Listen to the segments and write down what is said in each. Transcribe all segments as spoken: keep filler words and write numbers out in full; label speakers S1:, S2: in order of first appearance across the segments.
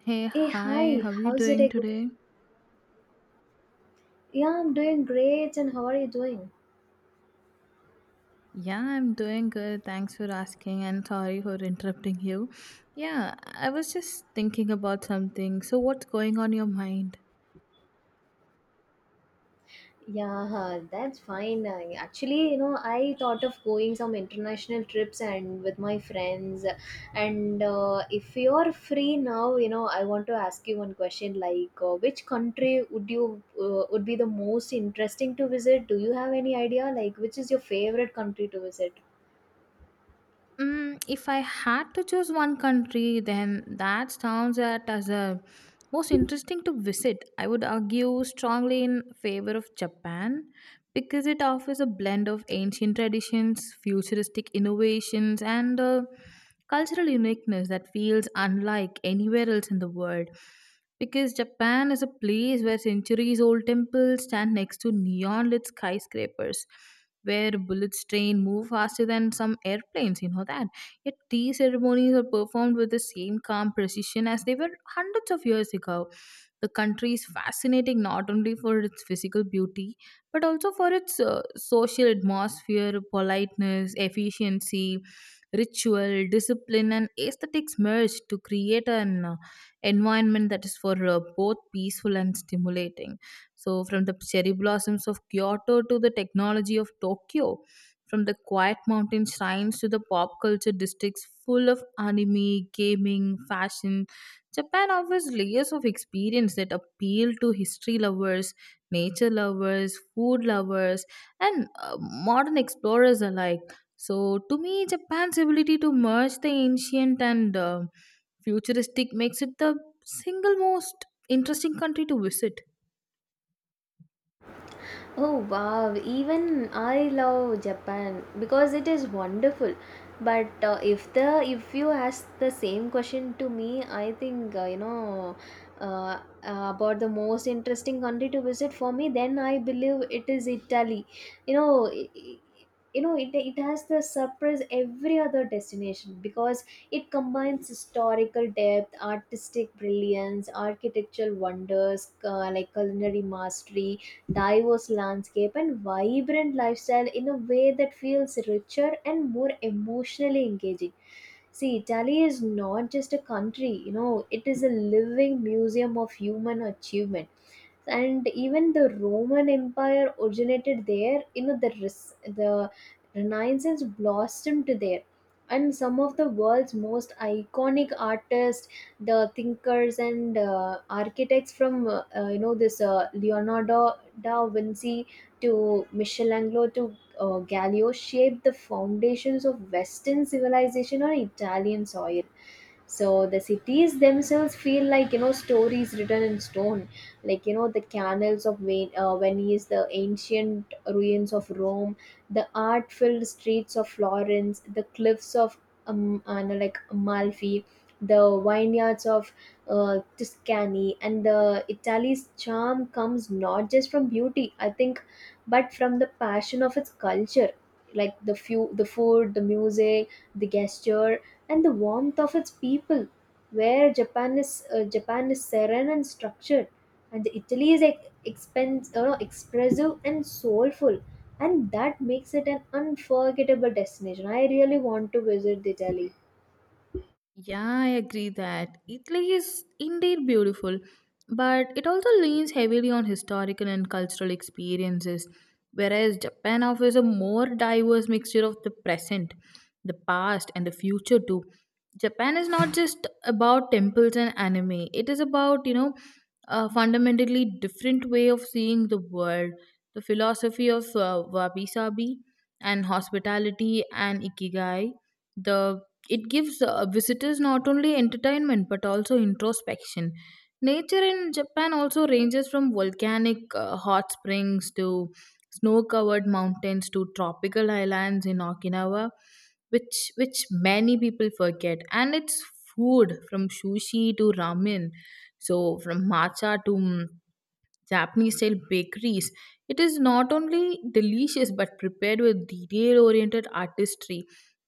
S1: Hey,
S2: Hey,
S1: hi,
S2: hi,
S1: how are you
S2: how's it
S1: doing
S2: going?
S1: today?
S2: Yeah, I'm doing great, and how are you doing?
S1: Yeah, I'm doing good. Thanks for asking and sorry for interrupting you. Yeah, I was just thinking about something. So, what's going on your mind?
S2: Yeah, that's fine. I, actually, you know, I thought of going some international trips and with my friends. And uh, if you're free now, you know, I want to ask you one question like, uh, which country would you uh, would be the most interesting to visit? Do you have any idea? Like, which is your favorite country to visit?
S1: Mm, if I had to choose one country, then that sounds at as a most interesting to visit. I would argue strongly in favor of Japan because it offers a blend of ancient traditions, futuristic innovations, and uh, cultural uniqueness that feels unlike anywhere else in the world. Because Japan is a place where centuries old temples stand next to neon lit skyscrapers, where bullets train move faster than some airplanes, you know that. Yet tea ceremonies are performed with the same calm precision as they were hundreds of years ago. The country is fascinating not only for its physical beauty, but also for its uh, social atmosphere, politeness, efficiency, ritual, discipline, and aesthetics merge to create an uh, environment that is for uh, both peaceful and stimulating. So, from the cherry blossoms of Kyoto to the technology of Tokyo, from the quiet mountain shrines to the pop culture districts full of anime, gaming, fashion, Japan offers layers of experience that appeal to history lovers, nature lovers, food lovers, and uh, modern explorers alike. So, to me, Japan's ability to merge the ancient and uh, futuristic makes it the single most interesting country to visit.
S2: Oh wow, even I love Japan because it is wonderful. But uh, if the if you ask the same question to me, I think uh, you know uh, uh, about the most interesting country to visit for me, then I believe it is Italy. You know, i- i- you know it, it has the surprise every other destination because it combines historical depth, artistic brilliance, architectural wonders, uh, like culinary mastery, diverse landscape, and vibrant lifestyle in a way that feels richer and more emotionally engaging. See, Italy is not just a country, you know, it is a living museum of human achievement, and even the Roman Empire originated there. You know, the res- the renaissance blossomed there, and some of the world's most iconic artists, the thinkers, and uh, architects from uh, uh, you know this uh, Leonardo da Vinci to Michelangelo to uh, Gallio shaped the foundations of Western civilization on Italian soil. So the cities themselves feel like, you know, stories written in stone, like, you know, the canals of Ven- uh, Venice, the ancient ruins of Rome, the art-filled streets of Florence, the cliffs of um, uh, no, like Amalfi, the vineyards of uh, Tuscany, and the Italy's charm comes not just from beauty, I think, but from the passion of its culture, like the few, the food, the music, the gesture, and the warmth of its people. Where Japan is uh, Japan is serene and structured, and Italy is like expense, uh, no, expressive and soulful, and that makes it an unforgettable destination. I really want to visit Italy.
S1: Yeah, I agree that Italy is indeed beautiful, but it also leans heavily on historical and cultural experiences, whereas Japan offers a more diverse mixture of the present, the past, and the future too. Japan is not just about temples and anime, it is about, you know, a fundamentally different way of seeing the world, the philosophy of uh, wabi sabi and hospitality and ikigai the it gives uh, visitors not only entertainment but also introspection. Nature in Japan also ranges from volcanic uh, hot springs to snow covered mountains to tropical islands in Okinawa, which, which many people forget. And it's food from sushi to ramen, so from matcha to mm, Japanese style bakeries. It is not only delicious but prepared with detail oriented artistry.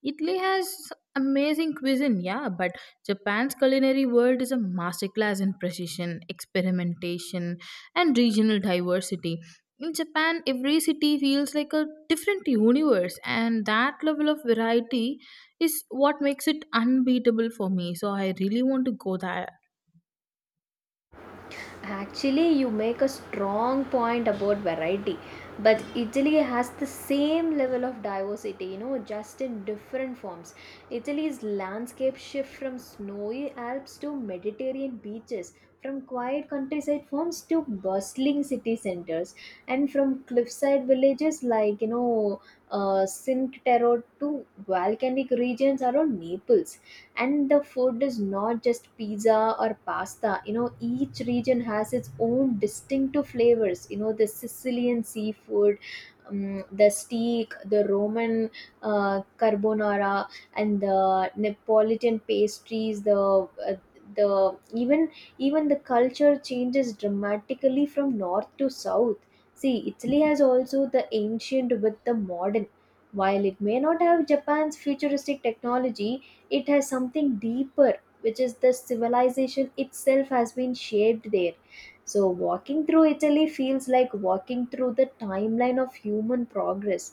S1: Italy has amazing cuisine, yeah, but Japan's culinary world is a masterclass in precision, experimentation, and regional diversity. In Japan, every city feels like a different universe, and that level of variety is what makes it unbeatable for me. So, I really want to go there.
S2: Actually, you make a strong point about variety, but Italy has the same level of diversity, you know, just in different forms. Italy's landscape shift from snowy Alps to Mediterranean beaches, from quiet countryside farms to bustling city centers, and from cliffside villages like, you know, uh, Cinque Terre to volcanic regions around Naples. And the food is not just pizza or pasta. You know, each region has its own distinctive flavors, you know, the Sicilian seafood, um, the steak, the Roman uh, carbonara, and the Neapolitan pastries, the uh, the even even the culture changes dramatically from north to south. See, Italy has also the ancient with the modern. While it may not have Japan's futuristic technology, it has something deeper, which is the civilization itself has been shaped there. So walking through Italy feels like walking through the timeline of human progress,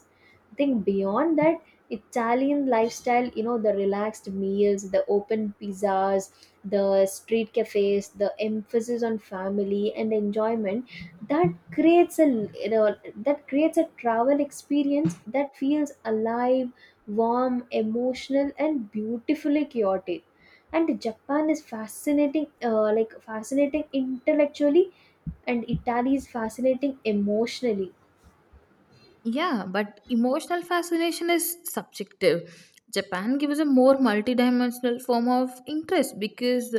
S2: I think. Beyond that, Italian lifestyle, you know, the relaxed meals, the open pizzas, the street cafes, the emphasis on family and enjoyment, that creates a, you know that creates a travel experience that feels alive, warm, emotional, and beautifully chaotic. And Japan is fascinating, uh, like fascinating intellectually, and Italy is fascinating emotionally.
S1: Yeah, but emotional fascination is subjective. Japan gives a more multidimensional form of interest because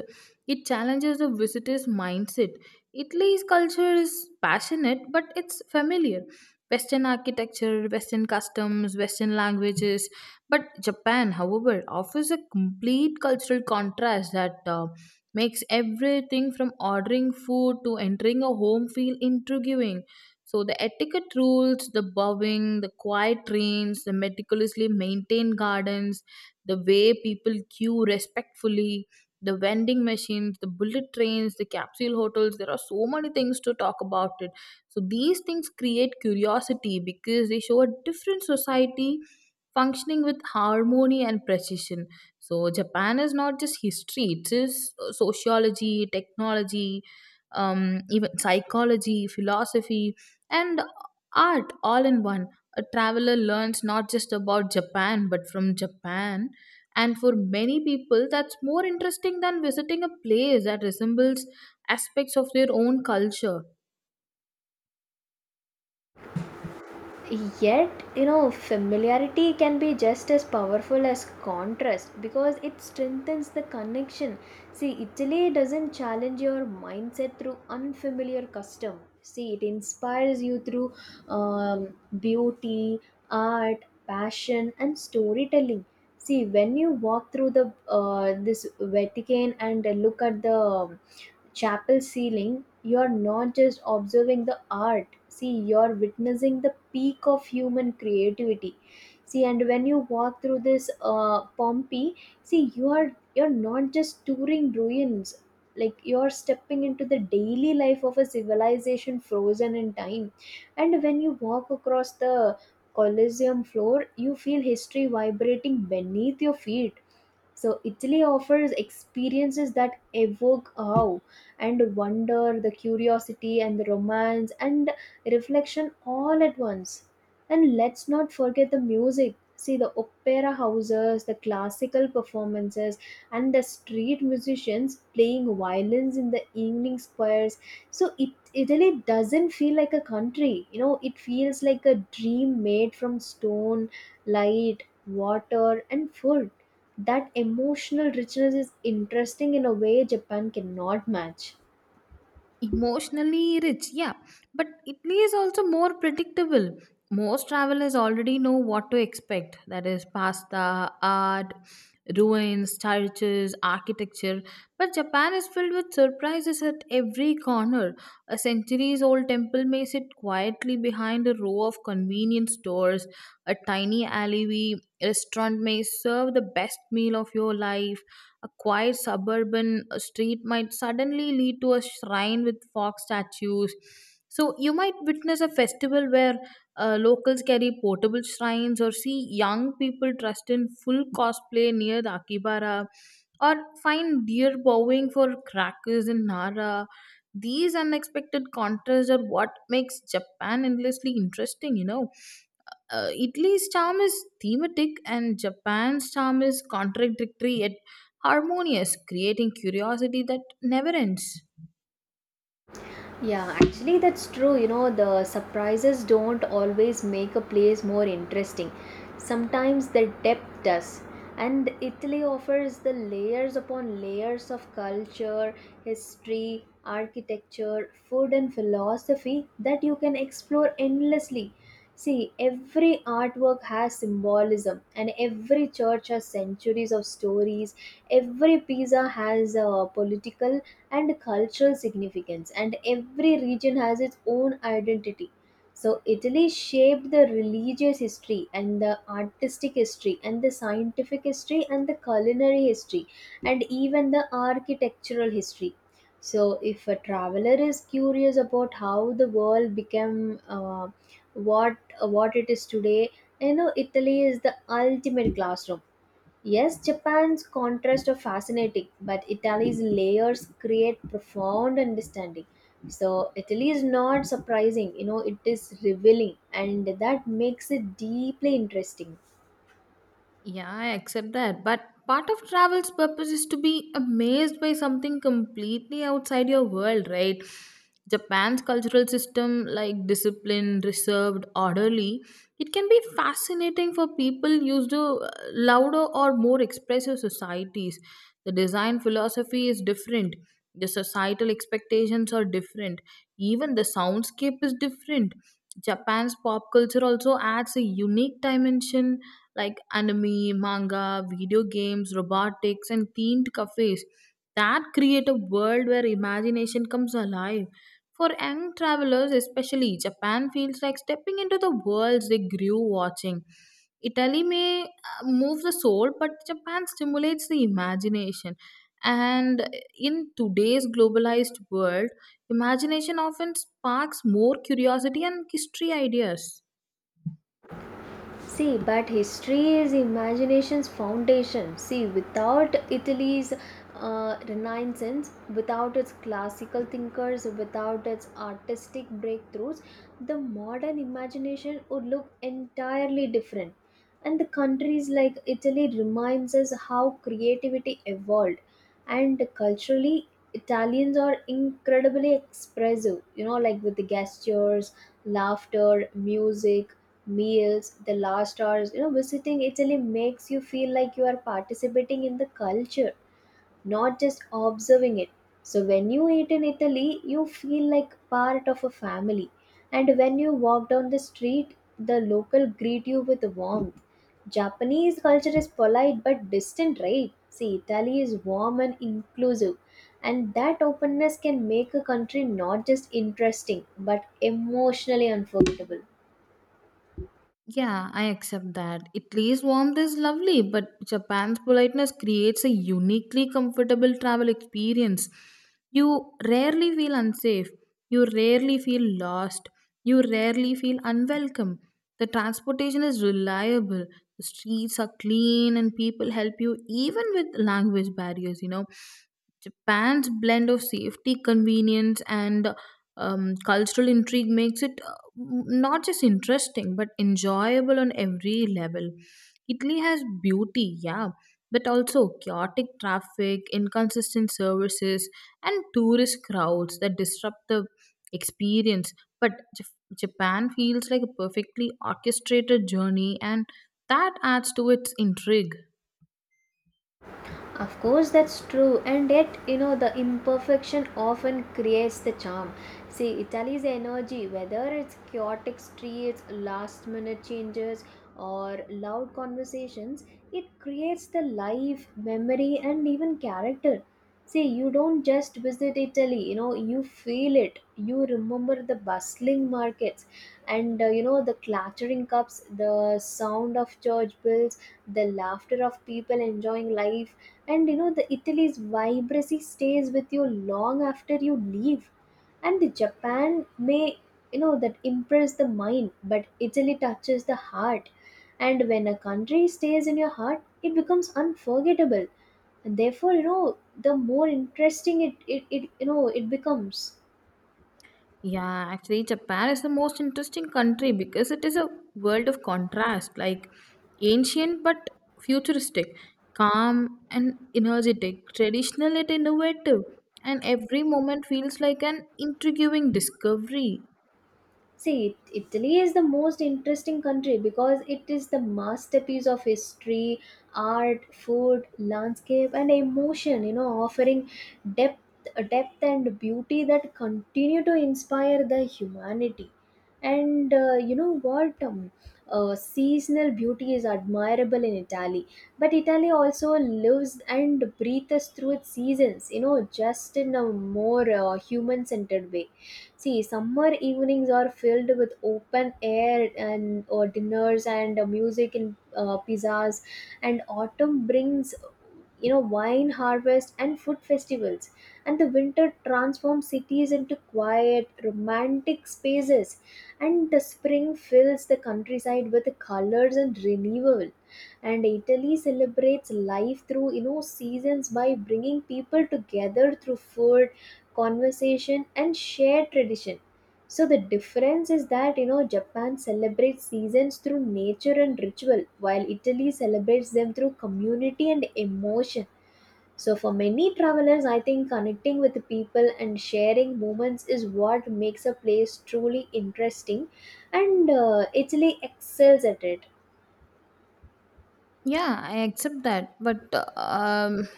S1: it challenges the visitor's mindset. Italy's culture is passionate, but it's familiar. Western architecture, Western customs, Western languages. But Japan, however, offers a complete cultural contrast that uh, makes everything from ordering food to entering a home feel intriguing, so the etiquette rules, the bowing, the quiet trains, the meticulously maintained gardens, the way people queue respectfully, the vending machines, the bullet trains, the capsule hotels. There are so many things to talk about it. So these things create curiosity because they show a different society functioning with harmony and precision. So Japan is not just history; it is uh, sociology, technology, um, even psychology, philosophy, and art all in one. A traveler learns not just about Japan but from Japan. And for many people, that's more interesting than visiting a place that resembles aspects of their own culture.
S2: Yet, you know, familiarity can be just as powerful as contrast because it strengthens the connection. See, Italy doesn't challenge your mindset through unfamiliar custom. See, it inspires you through um, beauty, art, passion, and storytelling. See, when you walk through the uh, this Vatican and look at the um, chapel ceiling, you're not just observing the art. See, you're witnessing the peak of human creativity. See, and when you walk through this uh, Pompeii, see, you are you're not just touring ruins. Like, you're stepping into the daily life of a civilization frozen in time. And when you walk across the Colosseum floor, you feel history vibrating beneath your feet. So Italy offers experiences that evoke awe and wonder, the curiosity and the romance and reflection all at once. And let's not forget the music. See the opera houses, the classical performances, and the street musicians playing violins in the evening squares. So it Italy doesn't feel like a country. You know, it feels like a dream made from stone, light, water, and food. That emotional richness is interesting in a way Japan cannot match.
S1: Emotionally rich, yeah, but Italy is also more predictable. Most travelers already know what to expect, that is pasta, art, ruins, churches, architecture. But Japan is filled with surprises at every corner. A centuries old temple may sit quietly behind a row of convenience stores. A tiny alleyway restaurant may serve the best meal of your life. A quiet suburban uh, street might suddenly lead to a shrine with fox statues. So you might witness a festival where uh, locals carry portable shrines, or see young people dressed in full cosplay near the Akibara, or find deer bowing for crackers in Nara. These unexpected contrasts are what makes Japan endlessly interesting, you know. uh, Italy's charm is thematic and Japan's charm is contradictory harmonious, creating curiosity that never ends.
S2: Yeah, actually, that's true. You know, the surprises don't always make a place more interesting. Sometimes the depth does. And Italy offers the layers upon layers of culture, history, architecture, food, and philosophy that you can explore endlessly. See, every artwork has symbolism, and every church has centuries of stories. Every pizza has a political and cultural significance, and every region has its own identity. So, Italy shaped the religious history, and the artistic history, and the scientific history, and the culinary history, and even the architectural history. So, if a traveler is curious about how the world became uh, what what it is today, you know, Italy is the ultimate classroom. Yes, Japan's contrasts are fascinating, but Italy's layers create profound understanding. So, Italy is not surprising, you know, it is revealing, and that makes it deeply interesting.
S1: Yeah, I accept that. But part of travel's purpose is to be amazed by something completely outside your world, right? Japan's cultural system, like disciplined, reserved, orderly, it can be fascinating for people used to uh, louder or more expressive societies. The design philosophy is different, the societal expectations are different, even the soundscape is different. Japan's pop culture also adds a unique dimension like anime, manga, video games, robotics, and themed cafes that create a world where imagination comes alive. For young travelers, especially, Japan feels like stepping into the worlds they grew watching. Italy may uh, move the soul, but Japan stimulates the imagination. And in today's globalized world, imagination often sparks more curiosity and history ideas.
S2: See, but history is imagination's foundation. See, without Italy's uh, Renaissance, without its classical thinkers, without its artistic breakthroughs, the modern imagination would look entirely different. And the countries like Italy reminds us how creativity evolved. And culturally, Italians are incredibly expressive, you know, like with the gestures, laughter, music, meals, the last hours. You know, visiting Italy makes you feel like you are participating in the culture, not just observing it. So when you eat in Italy, you feel like part of a family. And when you walk down the street, the local greet you with warmth. Japanese culture is polite but distant, right? See, Italy is warm and inclusive. And that openness can make a country not just interesting but emotionally unforgettable.
S1: Yeah, I accept that. Italy's warmth is lovely, but Japan's politeness creates a uniquely comfortable travel experience. You rarely feel unsafe. You rarely feel lost. You rarely feel unwelcome. The transportation is reliable. The streets are clean and people help you even with language barriers, you know. Japan's blend of safety, convenience, and um, cultural intrigue makes it not just interesting but enjoyable on every level. Italy has beauty, yeah, but also chaotic traffic, inconsistent services, and tourist crowds that disrupt the experience. But Jap- Japan feels like a perfectly orchestrated journey, and that adds to its intrigue.
S2: Of course, that's true, and yet, you know, the imperfection often creates the charm. See, Italy's energy, whether it's chaotic streets, last minute changes, or loud conversations, it creates the life, memory, and even character. See, you don't just visit Italy, you know, you feel it. You remember the bustling markets and, uh, you know, the clattering cups, the sound of church bells, the laughter of people enjoying life. And you know the Italy's vibrancy stays with you long after you leave. And the Japan may, you know, that impress the mind, but Italy touches the heart. And when a country stays in your heart, it becomes unforgettable. And therefore, you know, the more interesting it, it, it you know it becomes.
S1: Yeah, actually, Japan is the most interesting country because it is a world of contrast, like ancient but futuristic, calm and energetic, traditional yet innovative, and every moment feels like an intriguing discovery.
S2: See, It- Italy is the most interesting country because it is the masterpiece of history, art, food, landscape, and emotion. You know, offering depth, depth and beauty that continue to inspire the humanity. And uh, you know what? Um, uh, seasonal beauty is admirable in Italy, but Italy also lives and breathes through its seasons. You know, just in a more uh, human-centered way. See, summer evenings are filled with open air and uh, dinners and uh, music and uh, pizzas, and autumn brings, you know, wine harvest and food festivals, and the winter transforms cities into quiet romantic spaces, and the spring fills the countryside with colors and renewal. And Italy celebrates life through, you know, seasons by bringing people together through food, conversation, and shared tradition. So the difference is that, you know, Japan celebrates seasons through nature and ritual, while Italy celebrates them through community and emotion. So, for many travelers, I think connecting with people and sharing moments is what makes a place truly interesting, and uh, Italy excels at it.
S1: Yeah, I accept that. But um,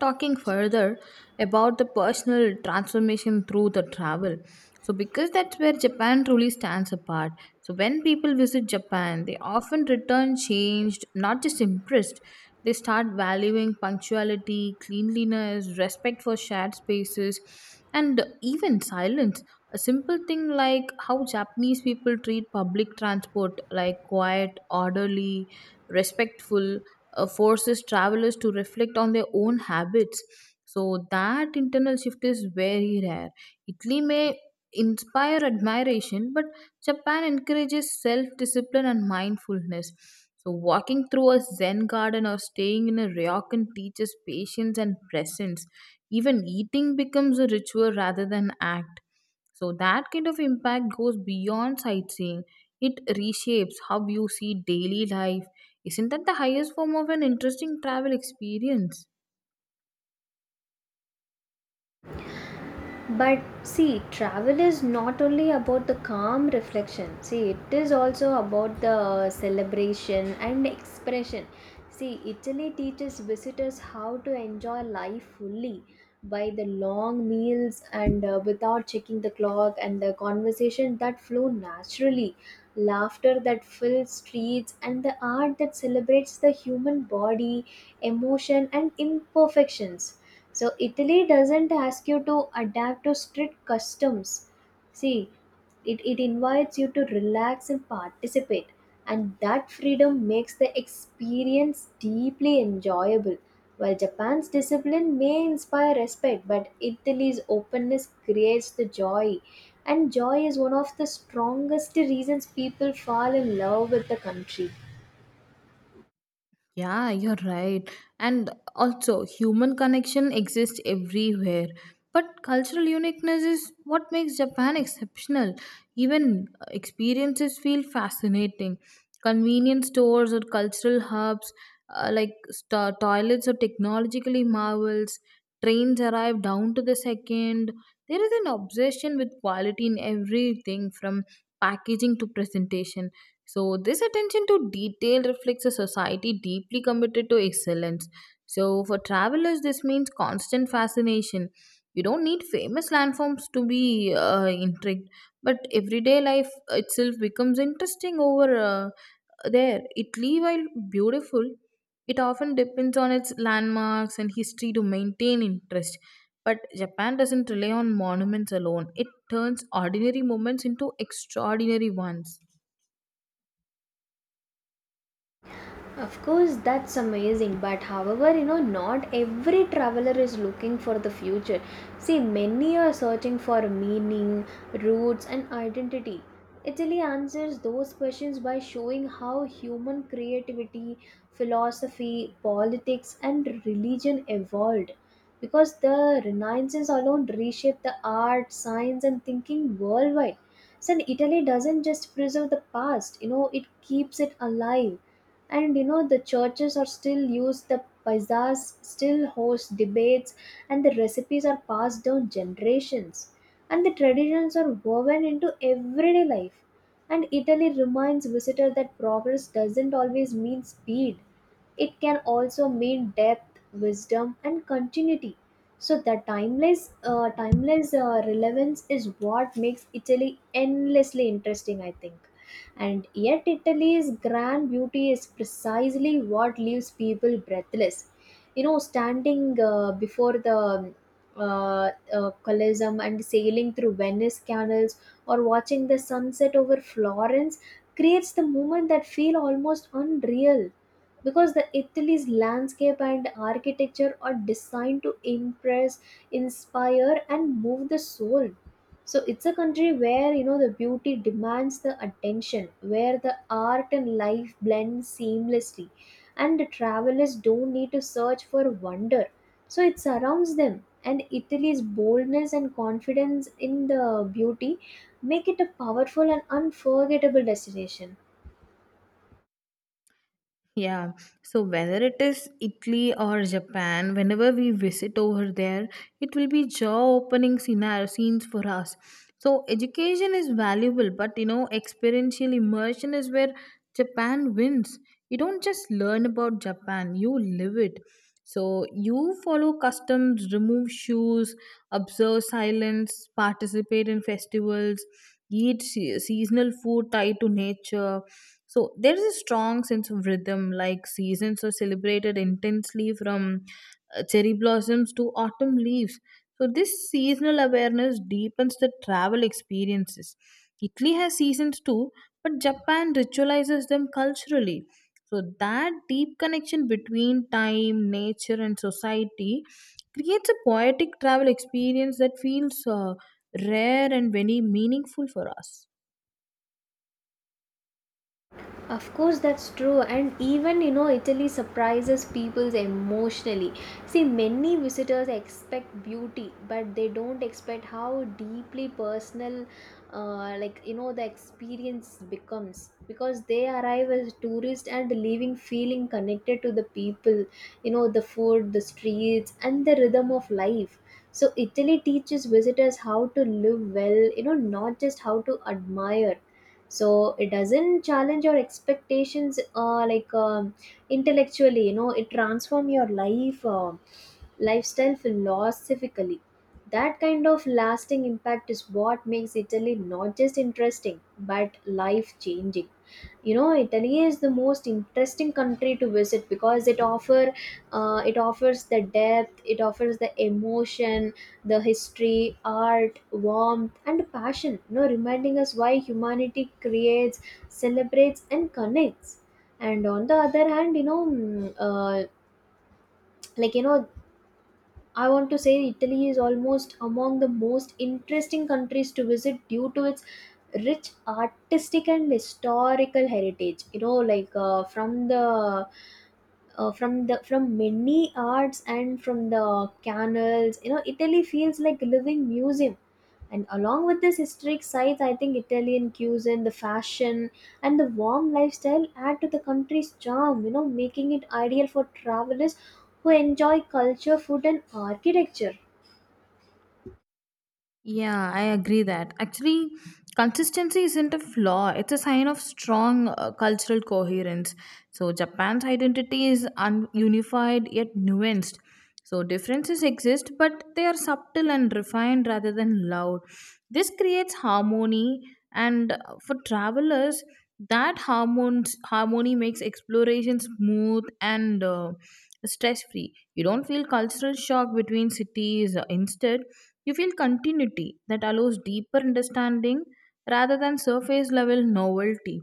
S1: talking further about the personal transformation through the travel. So, because that's where Japan truly stands apart. So, when people visit Japan, they often return changed, not just impressed. They start valuing punctuality, cleanliness, respect for shared spaces, and even silence. A simple thing like how Japanese people treat public transport, like quiet, orderly, respectful, uh, forces travelers to reflect on their own habits, so that internal shift is very rare. Italy may inspire admiration, but Japan encourages self-discipline and mindfulness. So walking through a zen garden or staying in a ryokan teaches patience and presence. Even eating becomes a ritual rather than act. So that kind of impact goes beyond sightseeing, it reshapes how you see daily life. Isn't that the highest form of an interesting travel experience?
S2: But see, travel is not only about the calm reflection. See, it is also about the celebration and expression. See, Italy teaches visitors how to enjoy life fully by the long meals and uh, without checking the clock, and the conversation that flow naturally, laughter that fills streets, and the art that celebrates the human body, emotion, and imperfections. So, Italy doesn't ask you to adapt to strict customs. See, it, it invites you to relax and participate, and that freedom makes the experience deeply enjoyable. While Japan's discipline may inspire respect, but Italy's openness creates the joy. And joy is one of the strongest reasons people fall in love with the country.
S1: Yeah, you're right. And also, human connection exists everywhere. But cultural uniqueness is what makes Japan exceptional. Even uh, experiences feel fascinating. Convenience stores or cultural hubs, uh, like sto- toilets or technologically marvels, trains arrive down to the second. There is an obsession with quality in everything from packaging to presentation. So, this attention to detail reflects a society deeply committed to excellence. So, for travelers, this means constant fascination. You don't need famous landforms to be uh, intrigued, but everyday life itself becomes interesting over uh, there. Italy, while beautiful, it often depends on its landmarks and history to maintain interest. But Japan doesn't rely on monuments alone, it turns ordinary moments into extraordinary ones.
S2: Of course, that's amazing, but however, you know, not every traveler is looking for the future. See, many are searching for meaning, roots, and identity. Italy answers those questions by showing how human creativity, philosophy, politics, and religion evolved. Because the Renaissance alone reshaped the art, science, and thinking worldwide. So, Italy doesn't just preserve the past, you know, it keeps it alive, and you know the churches are still used, the bazaars still host debates, and the recipes are passed down generations, and the traditions are woven into everyday life. And Italy reminds visitors that progress doesn't always mean speed. It can also mean depth, wisdom, and continuity. So the timeless uh, timeless uh, relevance is what makes Italy endlessly interesting, I think. And yet, Italy's grand beauty is precisely what leaves people breathless. You know, standing uh, before the uh, uh, Colosseum, and sailing through Venice canals, or watching the sunset over Florence creates the moment that feel almost unreal, because the Italy's landscape and architecture are designed to impress, inspire, and move the soul. So it's a country where you know the beauty demands the attention, where the art and life blend seamlessly, and the travelers don't need to search for wonder, so it surrounds them. And Italy's boldness and confidence in the beauty make it a powerful and unforgettable destination.
S1: Yeah, so whether it is Italy or Japan, whenever we visit over there, it will be jaw-opening scenario scenes for us. So education is valuable, but you know, experiential immersion is where Japan wins. You don't just learn about Japan, you live it. So you follow customs, remove shoes, observe silence, participate in festivals, eat se- seasonal food tied to nature. So there is a strong sense of rhythm, like seasons are celebrated intensely from uh, cherry blossoms to autumn leaves. So this seasonal awareness deepens the travel experiences. Italy has seasons too, but Japan ritualizes them culturally. So that deep connection between time, nature, and society creates a poetic travel experience that feels uh, rare and very meaningful for us.
S2: Of course, that's true, and even you know, Italy surprises people emotionally. See, many visitors expect beauty, but they don't expect how deeply personal, uh, like you know, the experience becomes, because they arrive as tourists and leaving feeling connected to the people, you know, the food, the streets, and the rhythm of life. So, Italy teaches visitors how to live well, you know, not just how to admire. So it doesn't challenge your expectations uh, like um, intellectually, you know it transform your life, uh, lifestyle philosophically. That kind of lasting impact is what makes Italy not just interesting but life changing. You know, Italy is the most interesting country to visit because it offer uh, it offers the depth, it offers the emotion, the history, art, warmth, and passion, you know, reminding us why humanity creates, celebrates, and connects. And on the other hand, you know, mm, uh, like you know, I want to say Italy is almost among the most interesting countries to visit due to its rich artistic and historical heritage. You know, like uh, from the uh, from the from many arts, and from the canals, you know Italy feels like a living museum. And along with this historic sites, I think Italian cuisine, the fashion, and the warm lifestyle add to the country's charm, you know, making it ideal for travelers who enjoy culture, food, and architecture.
S1: Yeah, I agree that. Actually, consistency isn't a flaw, it's a sign of strong uh, cultural coherence. So, Japan's identity is un- unified yet nuanced. So, differences exist, but they are subtle and refined rather than loud. This creates harmony, and uh, for travelers, that harmons- harmony makes exploration smooth and uh, stress free. You don't feel cultural shock between cities. Instead, you feel continuity that allows deeper understanding rather than surface level novelty.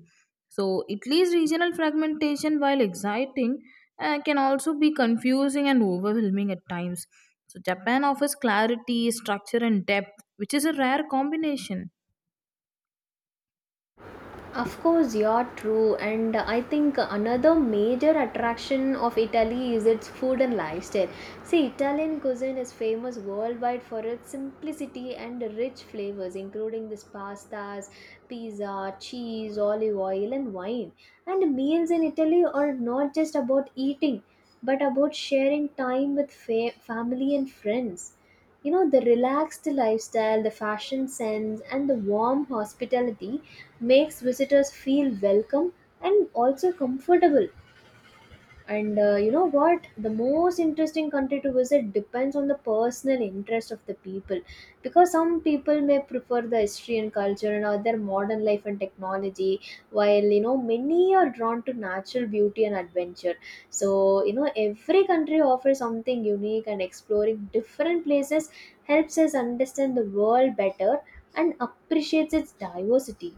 S1: So, Italy's regional fragmentation, while exciting, uh, can also be confusing and overwhelming at times. So, Japan offers clarity, structure, and depth, which is a rare combination.
S2: Of course, you're true. And I think another major attraction of Italy is its food and lifestyle. See, Italian cuisine is famous worldwide for its simplicity and rich flavors, including this pastas, pizza, cheese, olive oil, and wine. And meals in Italy are not just about eating, but about sharing time with fa- family and friends. You know, the relaxed lifestyle, the fashion sense, and the warm hospitality makes visitors feel welcome and also comfortable. And uh, you know what, the most interesting country to visit depends on the personal interest of the people, because some people may prefer the history and culture, and other modern life and technology, while you know many are drawn to natural beauty and adventure. So you know every country offers something unique, and exploring different places helps us understand the world better and appreciates its diversity.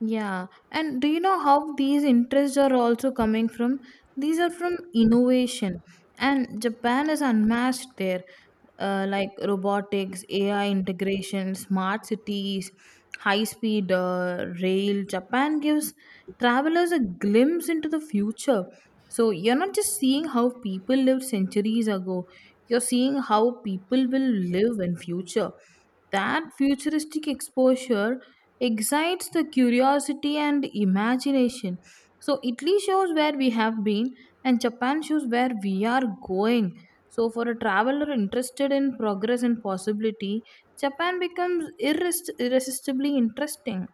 S1: Yeah, and do you know how these interests are also coming from? These are from innovation, and Japan is unmatched there, uh, like robotics, A I integration, smart cities, high speed uh, rail. Japan gives travelers a glimpse into the future. So you're not just seeing how people lived centuries ago, you're seeing how people will live in future. That futuristic exposure excites the curiosity and imagination. So Italy shows where we have been and Japan shows where we are going. So for a traveler interested in progress and possibility, Japan becomes irres- irresistibly interesting.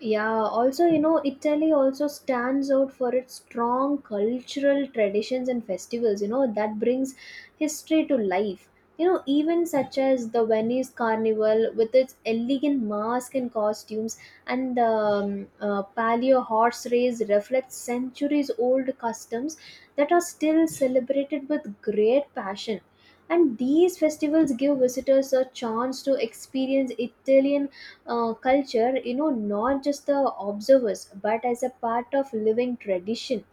S2: Yeah, also, you know, Italy also stands out for its strong cultural traditions and festivals, you know, that brings history to life. You know, even such as the Venice Carnival with its elegant masks and costumes, and the um, uh, Palio horse race reflects centuries old customs that are still celebrated with great passion. And these festivals give visitors a chance to experience Italian uh, culture, you know, not just the observers but as a part of living tradition.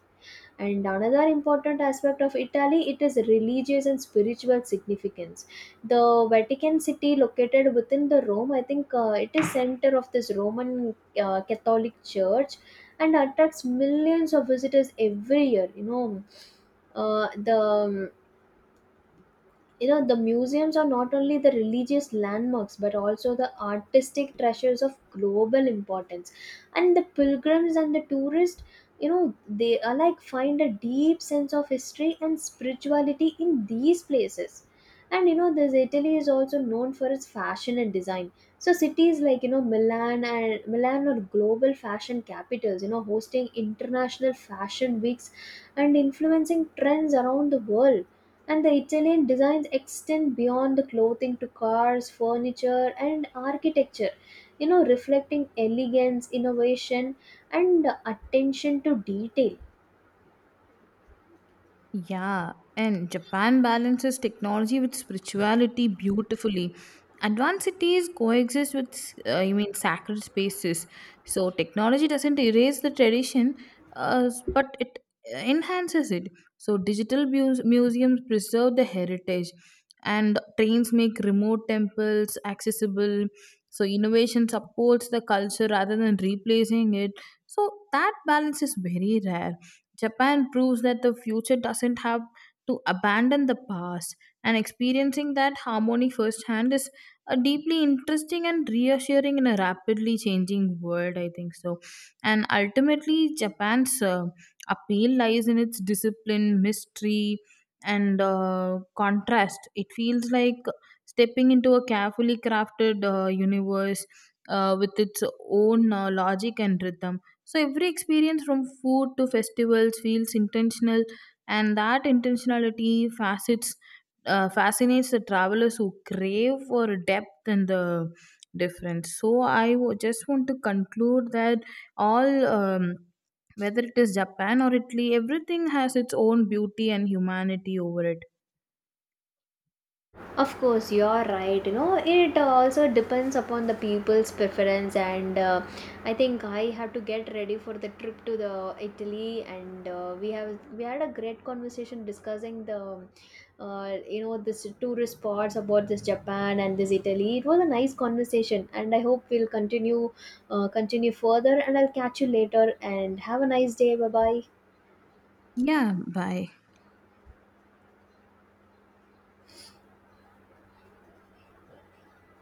S2: And another important aspect of Italy, it is religious and spiritual significance. The Vatican City located within the Rome, I think uh, it is center of this Roman uh, Catholic Church, and attracts millions of visitors every year. You know, uh, the um, you know the museums are not only the religious landmarks but also the artistic treasures of global importance. And the pilgrims and the tourists, you know, they are like find a deep sense of history and spirituality in these places. And you know this Italy is also known for its fashion and design. So cities like you know Milan and Milan are global fashion capitals, you know, hosting international fashion weeks and influencing trends around the world. And the Italian designs extend beyond the clothing to cars, furniture, and architecture, you know, reflecting elegance, innovation, and attention to detail.
S1: Yeah, and Japan balances technology with spirituality beautifully. Advanced cities coexist with, uh, you mean, sacred spaces. So technology doesn't erase the tradition, uh, but it enhances it. So digital muse- museums preserve the heritage, and trains make remote temples accessible. So innovation supports the culture rather than replacing it. So that balance is very rare. Japan proves that the future doesn't have to abandon the past, and experiencing that harmony firsthand is a deeply interesting and reassuring in a rapidly changing world. I think so, and ultimately, Japan's uh, appeal lies in its discipline, mystery, and uh, contrast. It feels like stepping into a carefully crafted uh, universe uh, with its own uh, logic and rhythm. So every experience from food to festivals feels intentional, and that intentionality facets uh, fascinates the travelers who crave for depth and the difference. So I w- just want to conclude that all. Um, whether it is Japan or Italy, everything has its own beauty and humanity over it.
S2: Of course, you're right. You know, it uh, also depends upon the people's preference. And uh, I think I have to get ready for the trip to the Italy. And uh, we have we had a great conversation discussing the, uh, you know, this tourist spots about this Japan and this Italy. It was a nice conversation, and I hope we'll continue, uh, continue further. And I'll catch you later. And have a nice day. Bye bye.
S1: Yeah, bye.